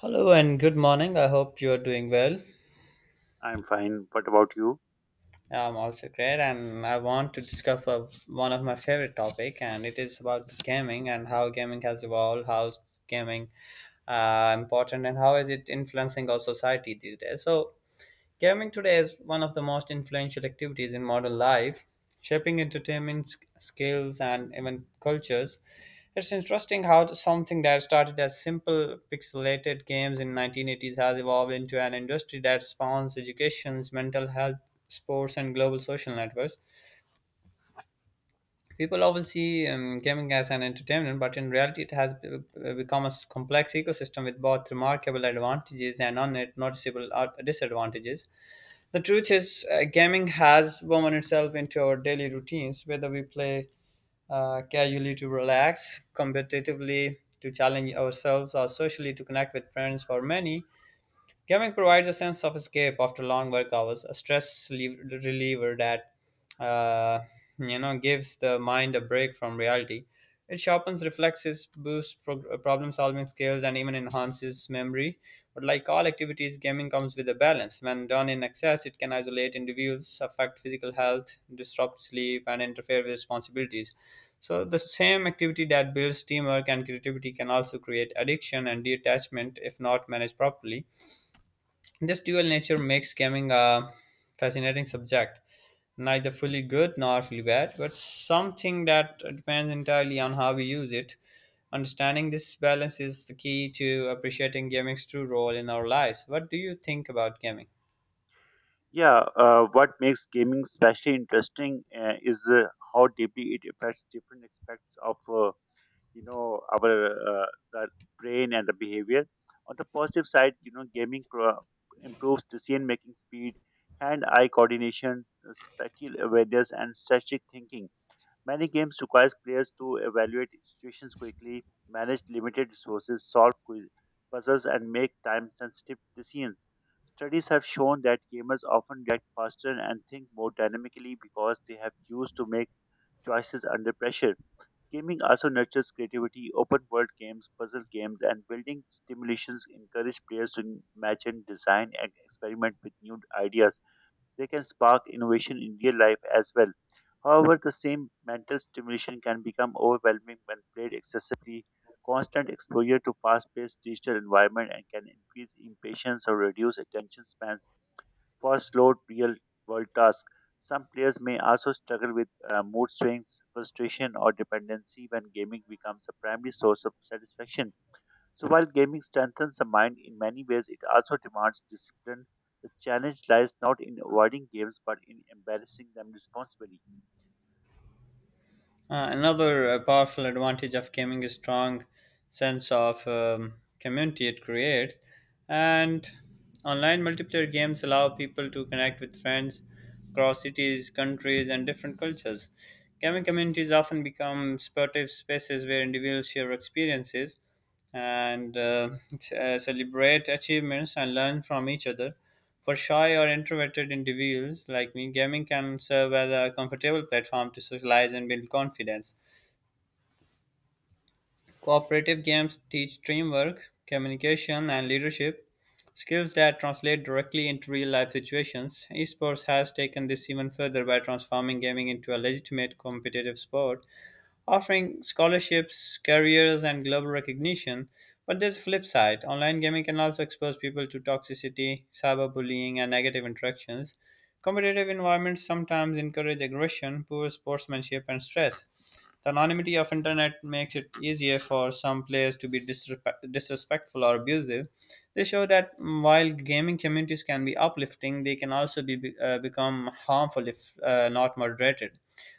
Hello and good morning. I hope you are doing well. I'm fine. What about you? I'm also great, and I want to discuss of one of my favorite topic, and it is about gaming and how gaming has evolved, how gaming important, and how is it influencing our society these days. Gaming today is one of the most influential activities in modern life, shaping entertainment skills and even cultures. It's interesting how something that started as simple pixelated games in 1980s has evolved into an industry that spawns educations, mental health, sports, and global social networks. People often see gaming as an entertainment, but in reality, it has become a complex ecosystem with both remarkable advantages and noticeable disadvantages. The truth is, gaming has woven itself into our daily routines, whether we play casually to relax, competitively to challenge ourselves, or socially to connect with friends. For many, camping provides a sense of escape after long work hours, a reliever that uh, gives the mind a break from reality. It sharpens reflexes, boosts problem-solving skills, and even enhances memory. But like all activities, gaming comes with a balance. When done in excess, it can isolate individuals, affect physical health, disrupt sleep, and interfere with responsibilities. So the same activity that builds teamwork and creativity can also create addiction and detachment if not managed properly. This dual nature makes gaming a fascinating subject, neither fully good nor fully bad, but something that depends entirely on how we use it. Understanding this balance is the key to appreciating gaming's true role in our lives. What do you think about gaming? Yeah, what makes gaming especially interesting is how deeply it affects different aspects of you know our the brain and the behavior. On the positive side, you know, improves decision making speed, hand-eye coordination, spatial awareness, and strategic thinking. Many games require players to evaluate situations quickly, manage limited resources, solve puzzles, and make time sensitive decisions. Studies have shown that gamers often react faster and think more dynamically because they have used to make choices under pressure. Gaming also nurtures creativity. Open world games, puzzle games, and building simulations encourage players to imagine, design, and experiment with new ideas they can spark innovation in real life as well. However, the same mental stimulation can become overwhelming when played excessively. Constant exposure to fast paced digital environment and can increase impatience or reduce attention spans for slow real world tasks. Some players may also struggle with mood swings, frustration, or dependency when gaming becomes a primary source of satisfaction. So while gaming strengthens the mind in many ways, it also demands discipline. The challenge lies not in avoiding games but in embarrassing them responsibly. Another powerful advantage of gaming is strong sense of community it creates, and online multiplayer games allow people to connect with friends across cities, countries, and different cultures. Gaming communities often become supportive spaces where individuals share experiences and celebrate achievements and learn from each other. For shy or introverted individuals like me, gaming can serve as a comfortable platform to socialize and build confidence. Cooperative games teach teamwork, communication, and leadership, skills that translate directly into real life situations. Esports has taken this even further by transforming gaming into a legitimate competitive sport offering scholarships, careers, and global recognition. But there's a flip side. Online gaming can also expose people to toxicity, cyberbullying, and negative interactions. Competitive environments sometimes encourage aggression, poor sportsmanship, and stress. The anonymity of internet makes it easier for some players to be disrespectful or abusive. They show that while gaming communities can be uplifting, they can also become harmful if not moderated.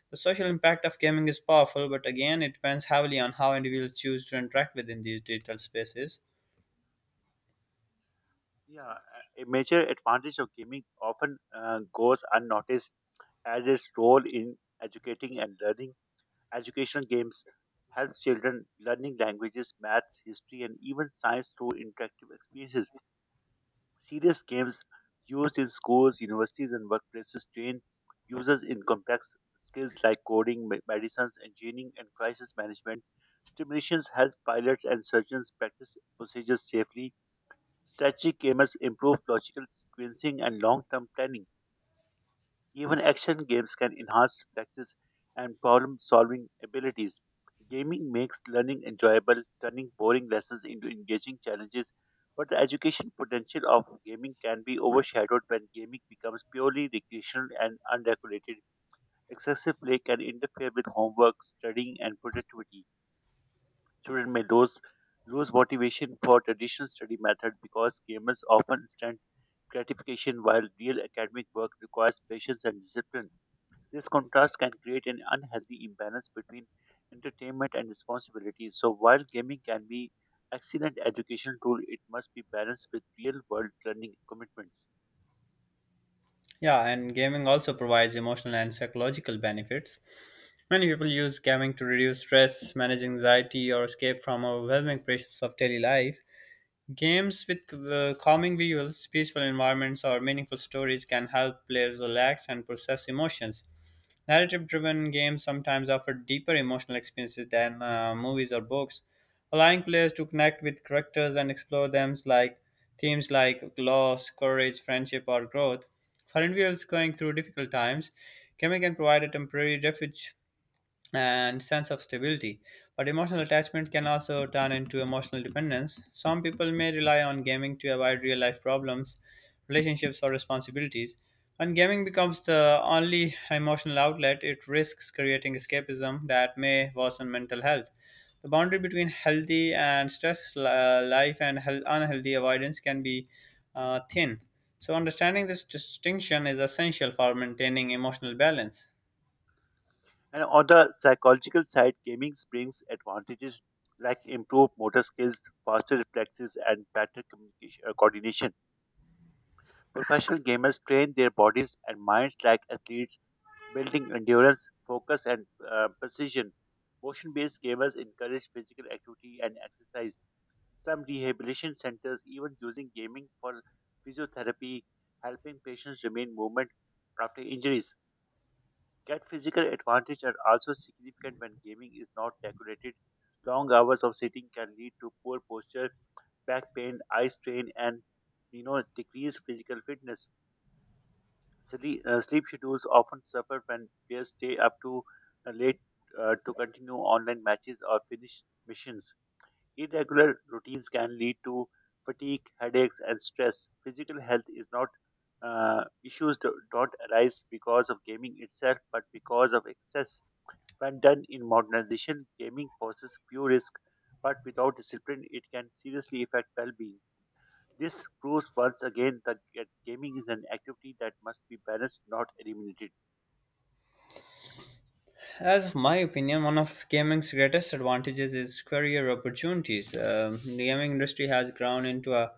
The social impact of gaming is powerful, but again, it depends heavily on how individuals choose to interact within these digital spaces. Yeah, a major advantage of gaming often goes unnoticed as its role in educating and learning. Educational games help children learning languages, maths, history, and even science through interactive experiences. Serious games used in schools, universities, and workplaces train users in complex skills like coding, medicines, engineering, and crisis management. Simulations help pilots and surgeons practice procedures safely. Strategic gamers improve logical sequencing and long term planning. Even action games can enhance reflexes and problem solving abilities. Gaming makes learning enjoyable, turning boring lessons into engaging challenges. But the education potential of gaming can be overshadowed when gaming becomes purely recreational and unregulated. Excessive play can interfere with homework, studying, and productivity. Children may lose motivation for traditional study method because gamers often instant gratification while real academic work requires patience and discipline. This contrast can create an unhealthy imbalance between entertainment and responsibility. So, while gaming can be excellent educational tool, it must be balanced with real-world learning commitments. Yeah, and gaming also provides emotional and psychological benefits. Many people use gaming to reduce stress, manage anxiety, or escape from overwhelming pressures of daily life. Games with calming visuals, peaceful environments, or meaningful stories can help players relax and process emotions. Narrative driven games sometimes offer deeper emotional experiences than movies or books, allowing players to connect with characters and explore themes like loss, courage, friendship, or growth. For individuals going through difficult times, gaming can provide a temporary refuge and sense of stability. But emotional attachment can also turn into emotional dependence. Some people may rely on gaming to avoid real life problems, relationships, or responsibilities. When gaming becomes the only emotional outlet, it risks creating escapism that may worsen mental health. The boundary between healthy and stress life and health, unhealthy avoidance can be thin. So, understanding this distinction is essential for maintaining emotional balance. And on the psychological side, gaming brings advantages like improved motor skills, faster reflexes, and better communication coordination. Professional gamers train their bodies and minds like athletes, building endurance, focus, and precision. Motion based gamers encourage physical activity and exercise. Some rehabilitation centers even using gaming for physiotherapy, helping patients remain movement after injuries. Get physical advantage are also significant when gaming is not regulated. Long hours of sitting can lead to poor posture, back pain, eye strain, and you know decreased physical fitness. Sleep schedules often suffer when players stay up to late to continue online matches or finish missions. Irregular routines can lead to fatigue, headaches, and stress. Physical health is not issues don't arise because of gaming itself, but because of excess. When done in modernization, gaming poses few risks, but without discipline, it can seriously affect well-being. This proves once again that gaming is an activity that must be balanced, not eliminated. As of my opinion, one of gaming's greatest advantages is career opportunities. The gaming industry has grown into a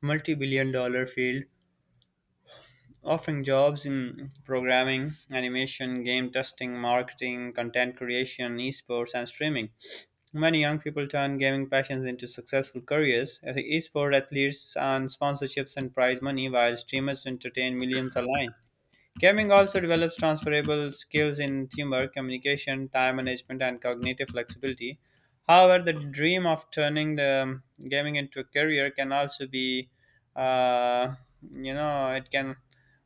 multi-billion-dollar field, offering jobs in programming, animation, game testing, marketing, content creation, esports, and streaming. Many young people turn gaming passions into successful careers. As Esport athletes earn sponsorships and prize money, while streamers entertain millions online. Gaming also develops transferable skills in teamwork, communication, time management, and cognitive flexibility. However, the dream of turning the gaming into a career can also be, uh, you know, it can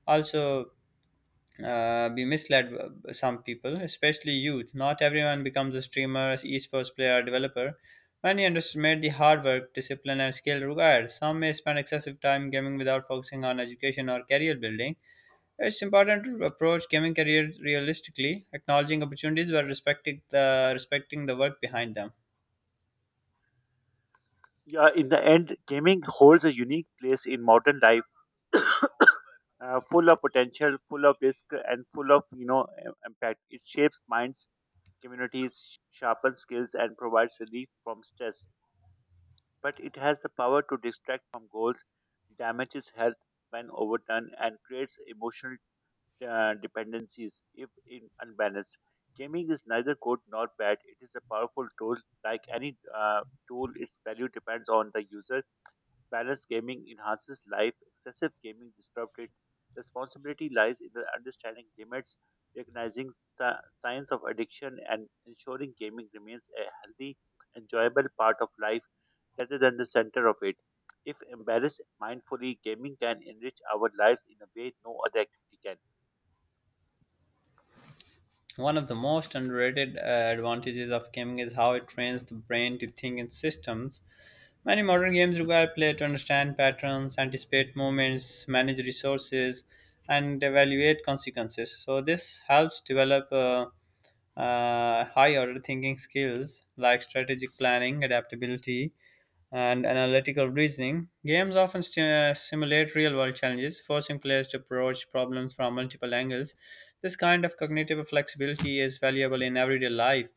also be misled by some people, especially youth. Not everyone becomes a streamer, esports player, or developer. Many underestimate the hard work, discipline, and skill required. Some may spend excessive time gaming without focusing on education or career building. It's important to approach gaming career realistically, acknowledging opportunities while respecting the work behind them. Yeah, in the end, gaming holds a unique place in modern life full of potential, full of risk, and full of you know impact. It shapes minds, communities, sharpens skills, and provides relief from stress. But it has the power to distract from goals, damages health when overdone, and creates emotional dependencies if in unbalanced. Gaming is neither good nor bad. It is a powerful tool. Like any tool, its value depends on the user. Balanced gaming enhances life, excessive gaming disrupts it. Responsibility lies in the understanding limits, recognizing signs of addiction, and ensuring gaming remains a healthy, enjoyable part of life rather than the center of it. If embraced mindfully, gaming can enrich our lives in a way no other activity can. One of the most underrated advantages of gaming is how it trains the brain to think in systems. Many modern games require player to understand patterns, anticipate movements, manage resources, and evaluate consequences. So this helps develop high order thinking skills like strategic planning, adaptability, and analytical reasoning. Games often simulate real world challenges, forcing players to approach problems from multiple angles. This kind of cognitive flexibility is valuable in everyday life,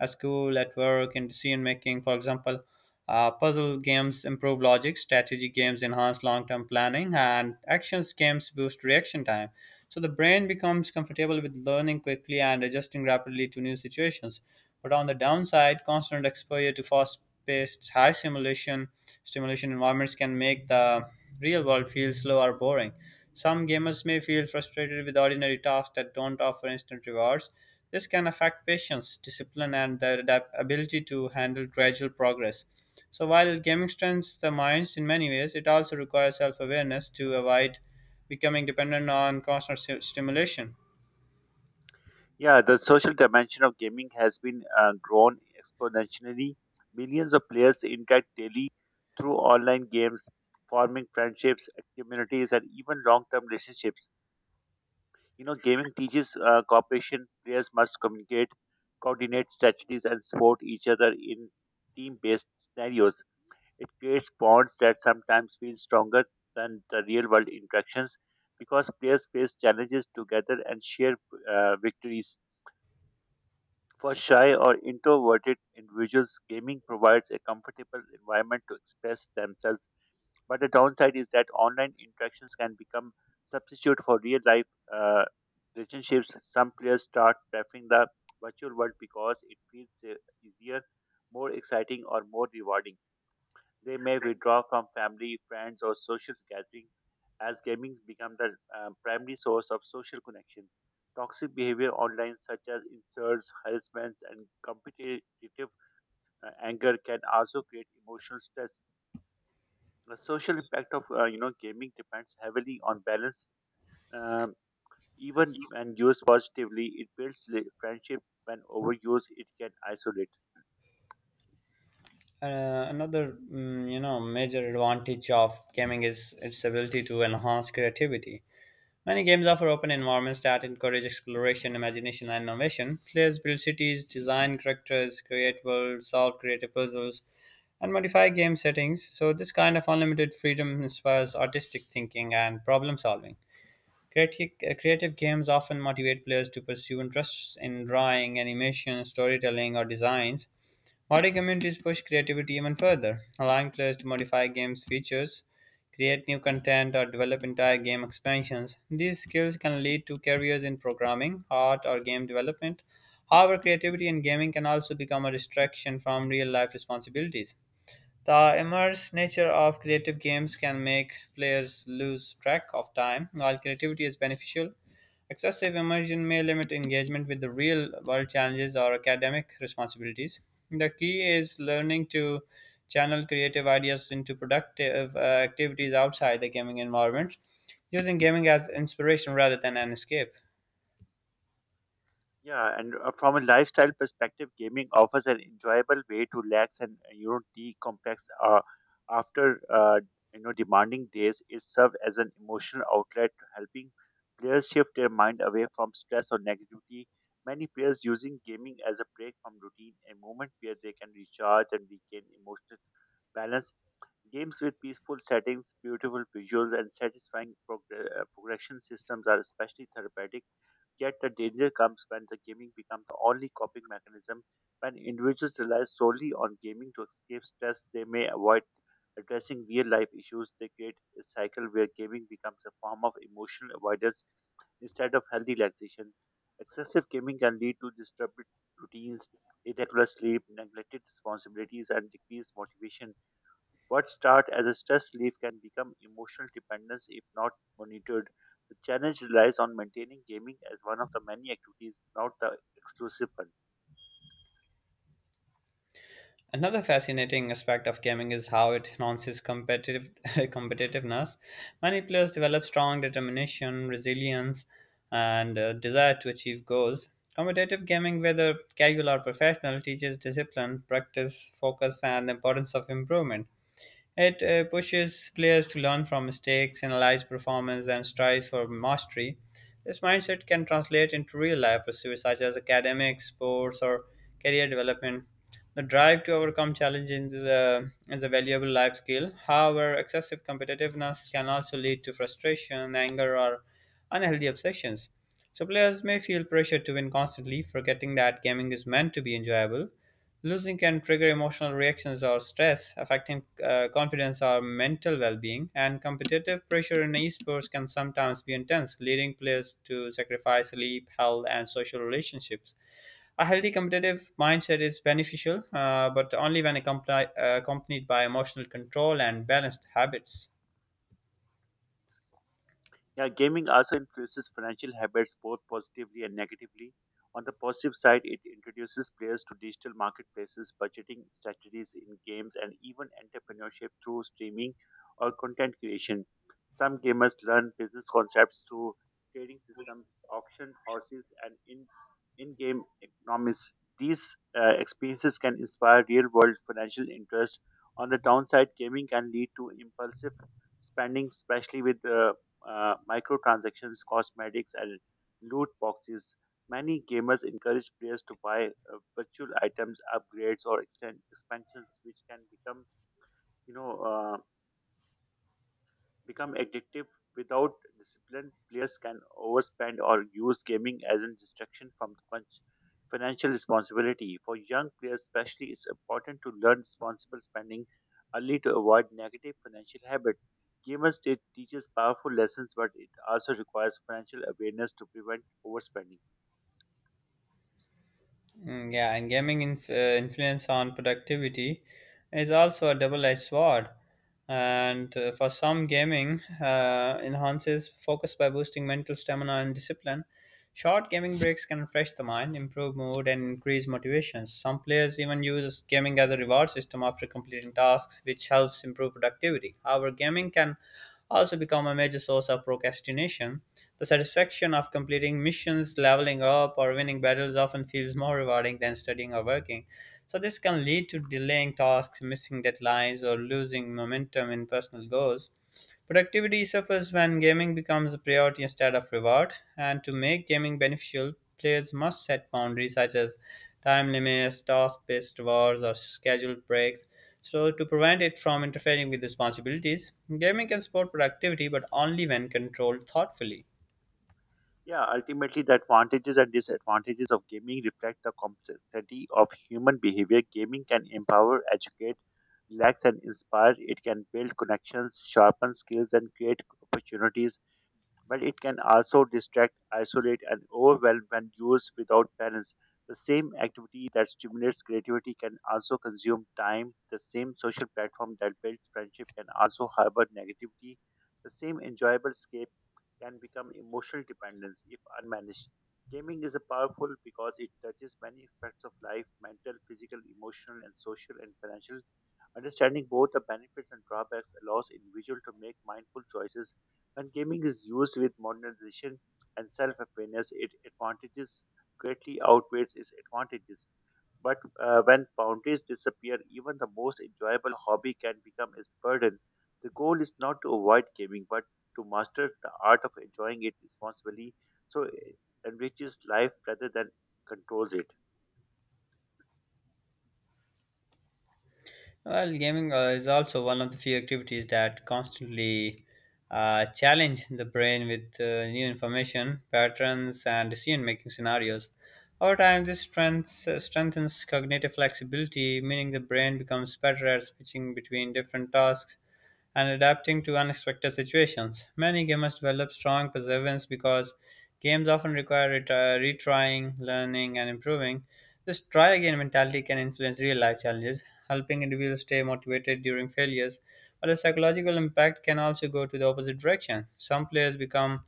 at school, at work, in decision making. For example, puzzle games improve logic, strategy games enhance long term planning, and actions games boost reaction time. So the brain becomes comfortable with learning quickly and adjusting rapidly to new situations. But on the downside, constant exposure to fast paced, high simulation stimulation environments can make the real world feel slow or boring. Some gamers may feel frustrated with ordinary tasks that don't offer instant rewards. This can affect patience, discipline, and the ability to handle gradual progress. So, while gaming strengthens the minds in many ways, it also requires self awareness to avoid becoming dependent on constant stimulation. Yeah, the social dimension of gaming has been grown exponentially. Millions of players interact daily through online games, forming friendships, communities, and even long term relationships. You know, gaming teaches cooperation. Players must communicate, coordinate strategies, and support each other in team based scenarios. It creates bonds that sometimes feel stronger than the real world interactions because players face challenges together and share victories for shy or introverted individuals, gaming provides a comfortable environment to express themselves. But the downside is that online interactions can become substitute for real life uh, relationships. Some players start preferring the virtual world because it feels easier, more exciting, or more rewarding. They may withdraw from family, friends, or social gatherings as gaming becomes the primary source of social connection. Toxic behavior online, such as insults, harassments, and competitive anger, can also create emotional stress. The social impact of you know gaming depends heavily on balance. Um, even when used positively, it builds friendship. When overused, it can isolate. Another major advantage of gaming is its ability to enhance creativity. Many games offer open environments that encourage exploration, imagination, and innovation. Players build cities, design characters, create worlds, solve creative puzzles, and modify game settings. So, this kind of unlimited freedom inspires artistic thinking and problem solving. Creative games often motivate players to pursue interests in drawing, animation, storytelling, or designs. Modern communities push creativity even further, allowing players to modify game's features, create new content, or develop entire game expansions. These skills can lead to careers in programming, art, or game development. However, creativity in gaming can also become a distraction from real life responsibilities. The immersive nature of creative games can make players lose track of time. While creativity is beneficial, excessive immersion may limit engagement with the real world challenges or academic responsibilities. The key is learning to channel creative ideas into productive activities outside the gaming environment, using gaming as inspiration rather than an escape. Yeah, and from a lifestyle perspective, gaming offers an enjoyable way to relax and you know decompress after you know demanding days. It serves as an emotional outlet, helping players shift their mind away from stress or negativity. Many players using gaming as a break from routine, a moment where they can recharge and regain emotional balance. Games with peaceful settings, beautiful visuals, and satisfying progression systems are especially therapeutic. Yet the danger comes when the gaming becomes the only coping mechanism, when individuals rely solely on gaming to escape stress they may avoid addressing real life issues they create a cycle where gaming becomes a form of emotional avoidance instead of healthy relaxation excessive gaming can lead to disturbed routines irregular sleep neglected responsibilities and decreased motivation what starts as a stress relief can become emotional dependence if not monitored. The challenge relies on maintaining gaming as one of the many activities, not the exclusive one. Another fascinating aspect of gaming is how it enhances competitive competitiveness. Many players develop strong determination, resilience, and desire to achieve goals. Competitive gaming, whether casual or professional, teaches discipline, practice, focus, and the importance of improvement. It pushes players to learn from mistakes, analyze performance, and strive for mastery. This mindset can translate into real life pursuits such as academics, sports, or career development. The drive to overcome challenges is a valuable life skill. However, excessive competitiveness can also lead to frustration, anger, or unhealthy obsessions. So, players may feel pressure to win constantly, forgetting that gaming is meant to be enjoyable. Losing can trigger emotional reactions or stress, affecting confidence or mental well being, and competitive pressure in esports can sometimes be intense, leading players to sacrifice sleep, health, and social relationships. A healthy competitive mindset is beneficial, but only when accompanied by emotional control and balanced habits. Yeah, gaming also influences financial habits both positively and negatively. On the positive side, it introduces players to digital marketplaces, budgeting strategies in games, and even entrepreneurship through streaming or content creation. Some gamers learn business concepts through trading systems, auction houses, and in game economics. These experiences can inspire real world financial interest. On the downside, gaming can lead to impulsive spending, especially with microtransactions, cosmetics, and loot boxes. Many gamers encourage players to buy virtual items, upgrades, or extend expansions, which can you know, uh, become addictive. Without discipline, players can overspend or use gaming as a distraction from the financial responsibility. For young players, especially, it's important to learn responsible spending early to avoid negative financial habits. Gamers teaches powerful lessons, but it also requires financial awareness to prevent overspending. Yeah, and gaming influence on productivity is also a double-edged sword. And for some, gaming enhances focus by boosting mental stamina and discipline. Short gaming breaks can refresh the mind, improve mood, and increase motivation. Some players even use gaming as a reward system after completing tasks, which helps improve productivity. However, gaming can also become a major source of procrastination. The satisfaction of completing missions, leveling up, or winning battles often feels more rewarding than studying or working. So, this can lead to delaying tasks, missing deadlines, or losing momentum in personal goals. Productivity suffers when gaming becomes a priority instead of reward, and to make gaming beneficial, players must set boundaries such as time limits, task based rewards, or scheduled breaks. So, to prevent it from interfering with responsibilities, gaming can support productivity but only when controlled thoughtfully. Yeah, ultimately, the advantages and disadvantages of gaming reflect the complexity of human behavior. Gaming can empower, educate, relax, and inspire. It can build connections, sharpen skills, and create opportunities. But it can also distract, isolate, and overwhelm when used without balance. The same activity that stimulates creativity can also consume time. The same social platform that builds friendship can also harbor negativity. The same enjoyable escape can become emotional dependence if unmanaged. Gaming is a powerful because it touches many aspects of life mental, physical, emotional, and social and financial. Understanding both the benefits and drawbacks allows individual to make mindful choices. When gaming is used with modernization and self-awareness, its advantages greatly outweighs its advantages. But when boundaries disappear, even the most enjoyable hobby can become a burden. The goal is not to avoid gaming, but to master the art of enjoying it responsibly so it enriches life rather than controls it. Well, gaming is also one of the few activities that constantly challenge the brain with new information, patterns, and decision making scenarios. Over time, this strengthens cognitive flexibility, meaning the brain becomes better at switching between different tasks and adapting to unexpected situations. Many gamers develop strong perseverance because games often require retrying, learning, and improving. This try again mentality can influence real life challenges, helping individuals stay motivated during failures. But the psychological impact can also go to the opposite direction. Some players become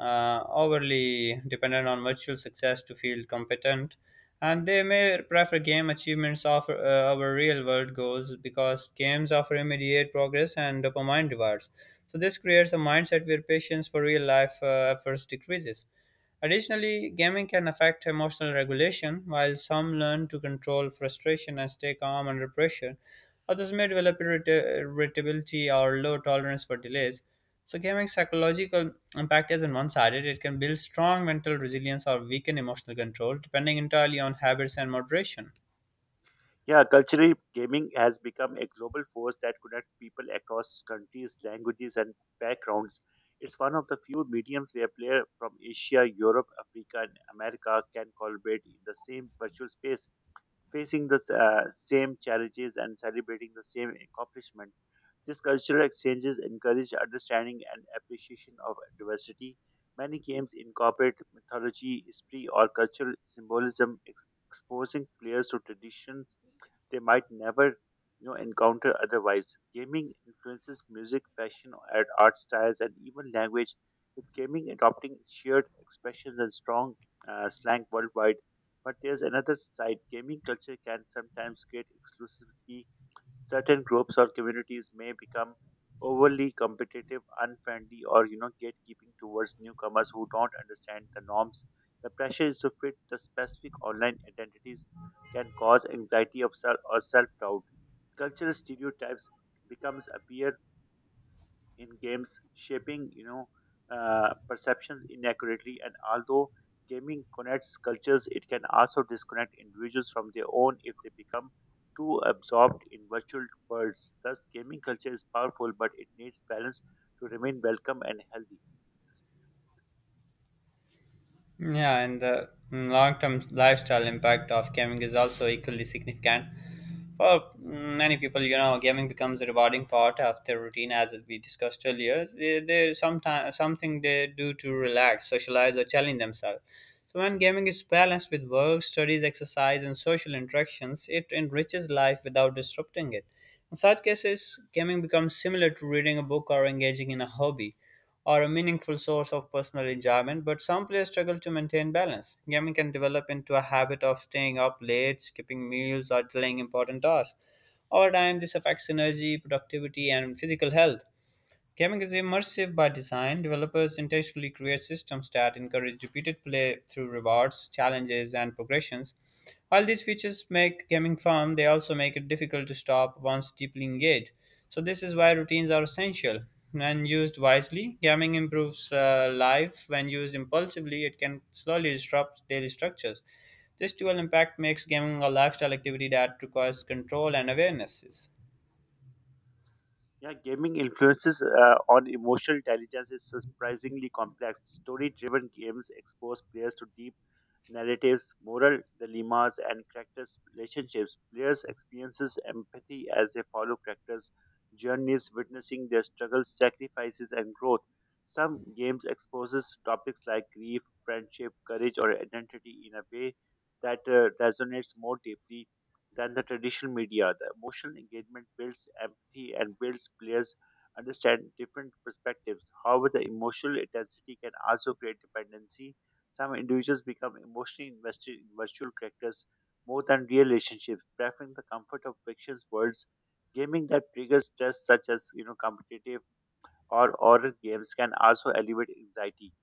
overly dependent on virtual success to feel competent and they may prefer game achievements over real world goals because games offer immediate progress and dopamine rewards. So, this creates a mindset where patience for real life efforts decreases. Additionally, gaming can affect emotional regulation. While some learn to control frustration and stay calm under pressure, others may develop irritability or low tolerance for delays. So, gaming's psychological impact isn't one sided. It can build strong mental resilience or weaken emotional control, depending entirely on habits and moderation. Yeah, culturally, gaming has become a global force that connects people across countries, languages, and backgrounds. It's one of the few mediums where players from Asia, Europe, Africa, and America can collaborate in the same virtual space, facing the same challenges and celebrating the same accomplishment. These cultural exchanges encourage understanding and appreciation of diversity. Many games incorporate mythology, history, or cultural symbolism, exposing players to traditions they might never you know encounter otherwise. Gaming influences music, fashion, and art styles, and even language, with gaming adopting shared expressions and strong slang worldwide. But there's another side. Gaming culture can sometimes create exclusivity certain groups or communities may become overly competitive, unfriendly, or you know gatekeeping towards newcomers who don't understand the norms. The pressure is to fit the specific online identities can cause anxiety of self or self doubt. Cultural stereotypes becomes appear in games shaping you know perceptions inaccurately and although gaming connects cultures it can also disconnect individuals from their own if they become too absorbed in virtual worlds thus gaming culture is powerful but it needs balance to remain welcome and healthy. Yeah, and the long term lifestyle impact of gaming is also equally significant. For many people, you know, gaming becomes a rewarding part of their routine, as we discussed earlier. They sometimes something they do to relax, socialize, or challenge themselves. So when gaming is balanced with work, studies, exercise, and social interactions, it enriches life without disrupting it. In such cases, gaming becomes similar to reading a book or engaging in a hobby or a meaningful source of personal enjoyment, but some players struggle to maintain balance. Gaming can develop into a habit of staying up late, skipping meals, or delaying important tasks. Over time, this affects energy, productivity, and physical health. Gaming is immersive by design. Developers intentionally create systems that encourage repeated play through rewards, challenges, and progressions. While these features make gaming fun, they also make it difficult to stop once deeply engaged. So, this is why routines are essential. When used wisely, gaming improves life. When used impulsively, it can slowly disrupt daily structures. This dual impact makes gaming a lifestyle activity that requires control and awarenesses. Yeah, gaming influences on emotional intelligence is surprisingly complex. Story driven games expose players to deep narratives, moral dilemmas, and characters' relationships. Players experiences empathy as they follow characters' journeys, witnessing their struggles, sacrifices, and growth. Some games exposes topics like grief, friendship, courage, or identity in a way that resonates more deeply than the traditional media. The emotional engagement builds empathy and builds players understand different perspectives. However, the emotional intensity can also create dependency. Some individuals become emotionally invested in virtual characters more than real relationships, preferring the comfort of fiction's worlds. Gaming that triggers stress, such as you know competitive or horror games, can also elevate anxiety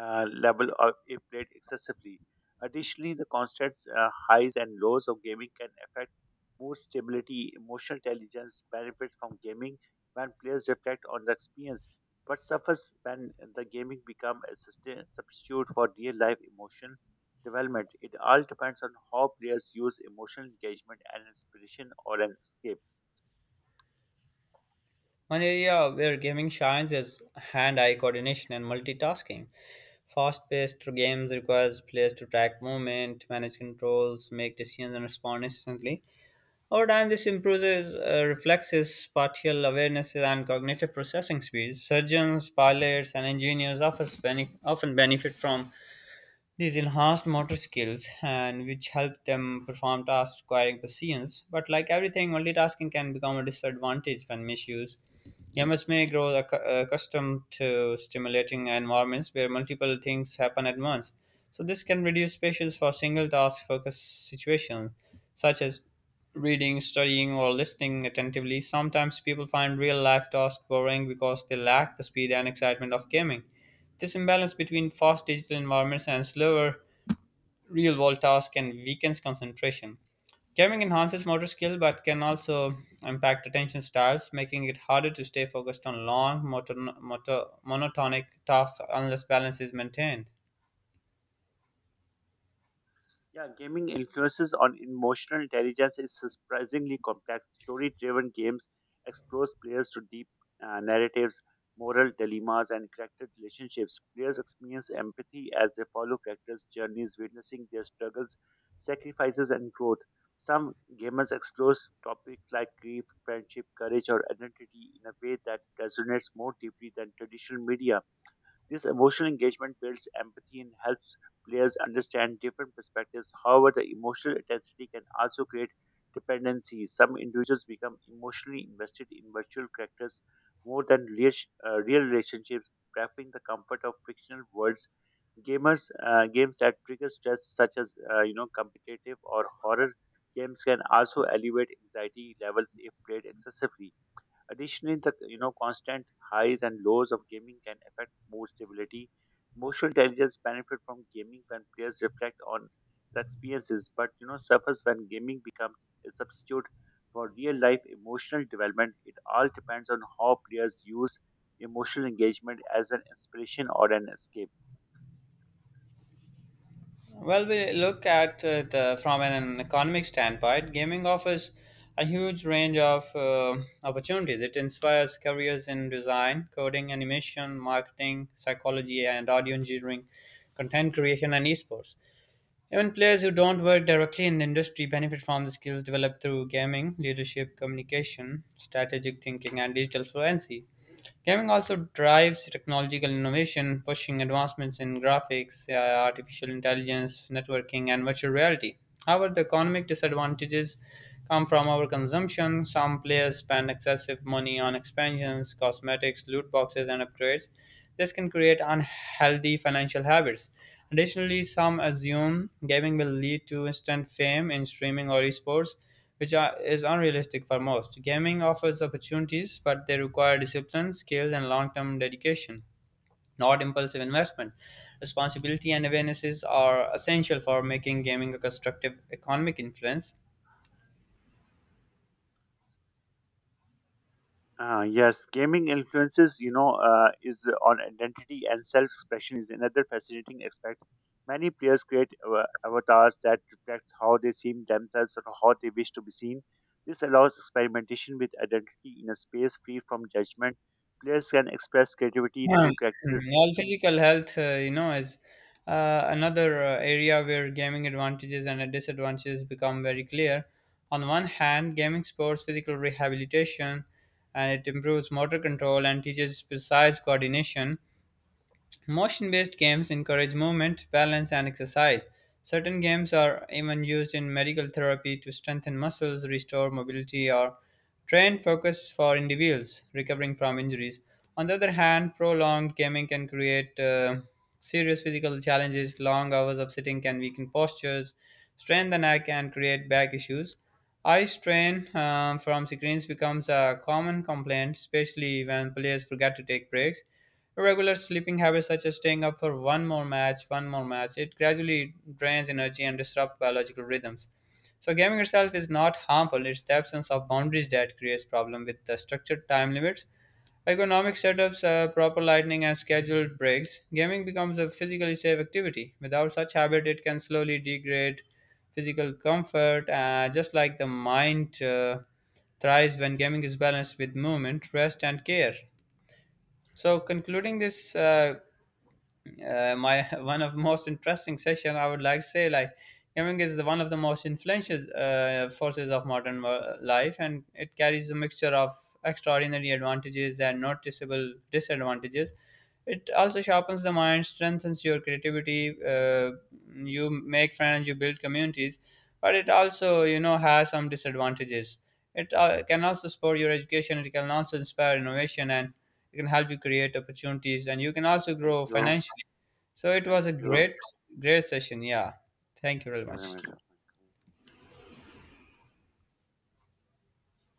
level of if played excessively. Additionally, the constant highs and lows of gaming can affect mood stability, emotional intelligence, benefits from gaming when players reflect on the experience, but suffers when the gaming becomes a substitute for real life emotion development. It all depends on how players use emotional engagement and inspiration or an escape. One area where gaming shines is hand-eye coordination and multitasking. Fast-paced games requires players to track movement, manage controls, make decisions, and respond instantly. Over time, this improves reflexes, spatial awareness, and cognitive processing speeds. Surgeons, pilots, and engineers often benefit from these enhanced motor skills and which help them perform tasks requiring patience. But like everything, multitasking can become a disadvantage when misused. Humans may grow accustomed to stimulating environments where multiple things happen at once. So this can reduce spaces for single task focused situations, such as reading, studying, or listening attentively. Sometimes people find real life tasks boring because they lack the speed and excitement of gaming. This imbalance between fast digital environments and slower real world tasks can weakens concentration. Gaming enhances motor skill but can also impact attention styles, making it harder to stay focused on long, monotonic tasks unless balance is maintained. Yeah, gaming influences on emotional intelligence is surprisingly complex. Story driven games expose players to deep narratives, moral dilemmas, and character relationships. Players experience empathy as they follow characters' journeys, witnessing their struggles, sacrifices, and growth. Some gamers explore topics like grief, friendship, courage, or identity in a way that resonates more deeply than traditional media. This emotional engagement builds empathy and helps players understand different perspectives. However, the emotional intensity can also create dependency. Some individuals become emotionally invested in virtual characters more than real relationships, preferring the comfort of fictional worlds. Gamers games that trigger stress, such as you know competitive or horror games, can also elevate anxiety levels if played excessively. Additionally, the you know constant highs and lows of gaming can affect mood stability. Emotional intelligence benefit from gaming when players reflect on the experiences, but you know suffers when gaming becomes a substitute for real life emotional development. It all depends on how players use emotional engagement as an inspiration or an escape. Well, we look at the from an economic standpoint, gaming offers a huge range of opportunities. It inspires careers in design, coding, animation, marketing, psychology, and audio engineering, content creation, and esports. Even players who don't work directly in the industry benefit from the skills developed through gaming, leadership, communication, strategic thinking, and digital fluency. Gaming also drives technological innovation, pushing advancements in graphics, AI, artificial intelligence, networking, and virtual reality. However, the economic disadvantages come from overconsumption. Some players spend excessive money on expansions, cosmetics, loot boxes, and upgrades. This can create unhealthy financial habits. Additionally, some assume gaming will lead to instant fame in streaming or esports, which is unrealistic for most. Gaming offers opportunities, but they require discipline, skills, and long term dedication, not impulsive investment. Responsibility and awarenesses are essential for making gaming a constructive economic influence. Yes, gaming influences is on identity and self-expression is another fascinating aspect. Many players create avatars that reflects how they see themselves or how they wish to be seen. This allows experimentation with identity in a space free from judgment. Players can express creativity Um, through character. While physical health, you know, is another area where gaming advantages and disadvantages become very clear. On one hand, gaming supports physical rehabilitation and it improves motor control and teaches precise coordination. Motion based games encourage movement, balance, and exercise. Certain games are even used in medical therapy to strengthen muscles, restore mobility, or train focus for individuals recovering from injuries. On the other hand, prolonged gaming can create serious physical challenges. Long hours of sitting can weaken postures, strain the neck, and create back issues. Eye strain from screens becomes a common complaint, especially when players forget to take breaks. Regular sleeping habits, such as staying up for one more match, it gradually drains energy and disrupts biological rhythms. So gaming itself is not harmful; it's the absence of boundaries that creates problem with the structured time limits. Ergonomic setups, proper lighting, and scheduled breaks, gaming becomes a physically safe activity. Without such habit, it can slowly degrade physical comfort, just like the mind thrives when gaming is balanced with movement, rest, and care. So concluding this, my one of most interesting session, I would like to say like gaming is the one of the most influential forces of modern life, and it carries a mixture of extraordinary advantages and noticeable disadvantages. It also sharpens the mind, strengthens your creativity. You make friends, you build communities, but it also you know has some disadvantages it can also support your education, it can also inspire innovation, and it can help you create opportunities, and you can also Thank grow you. financially. So it was Thank a you. Great session. Yeah. Thank you very Thank you very much. much.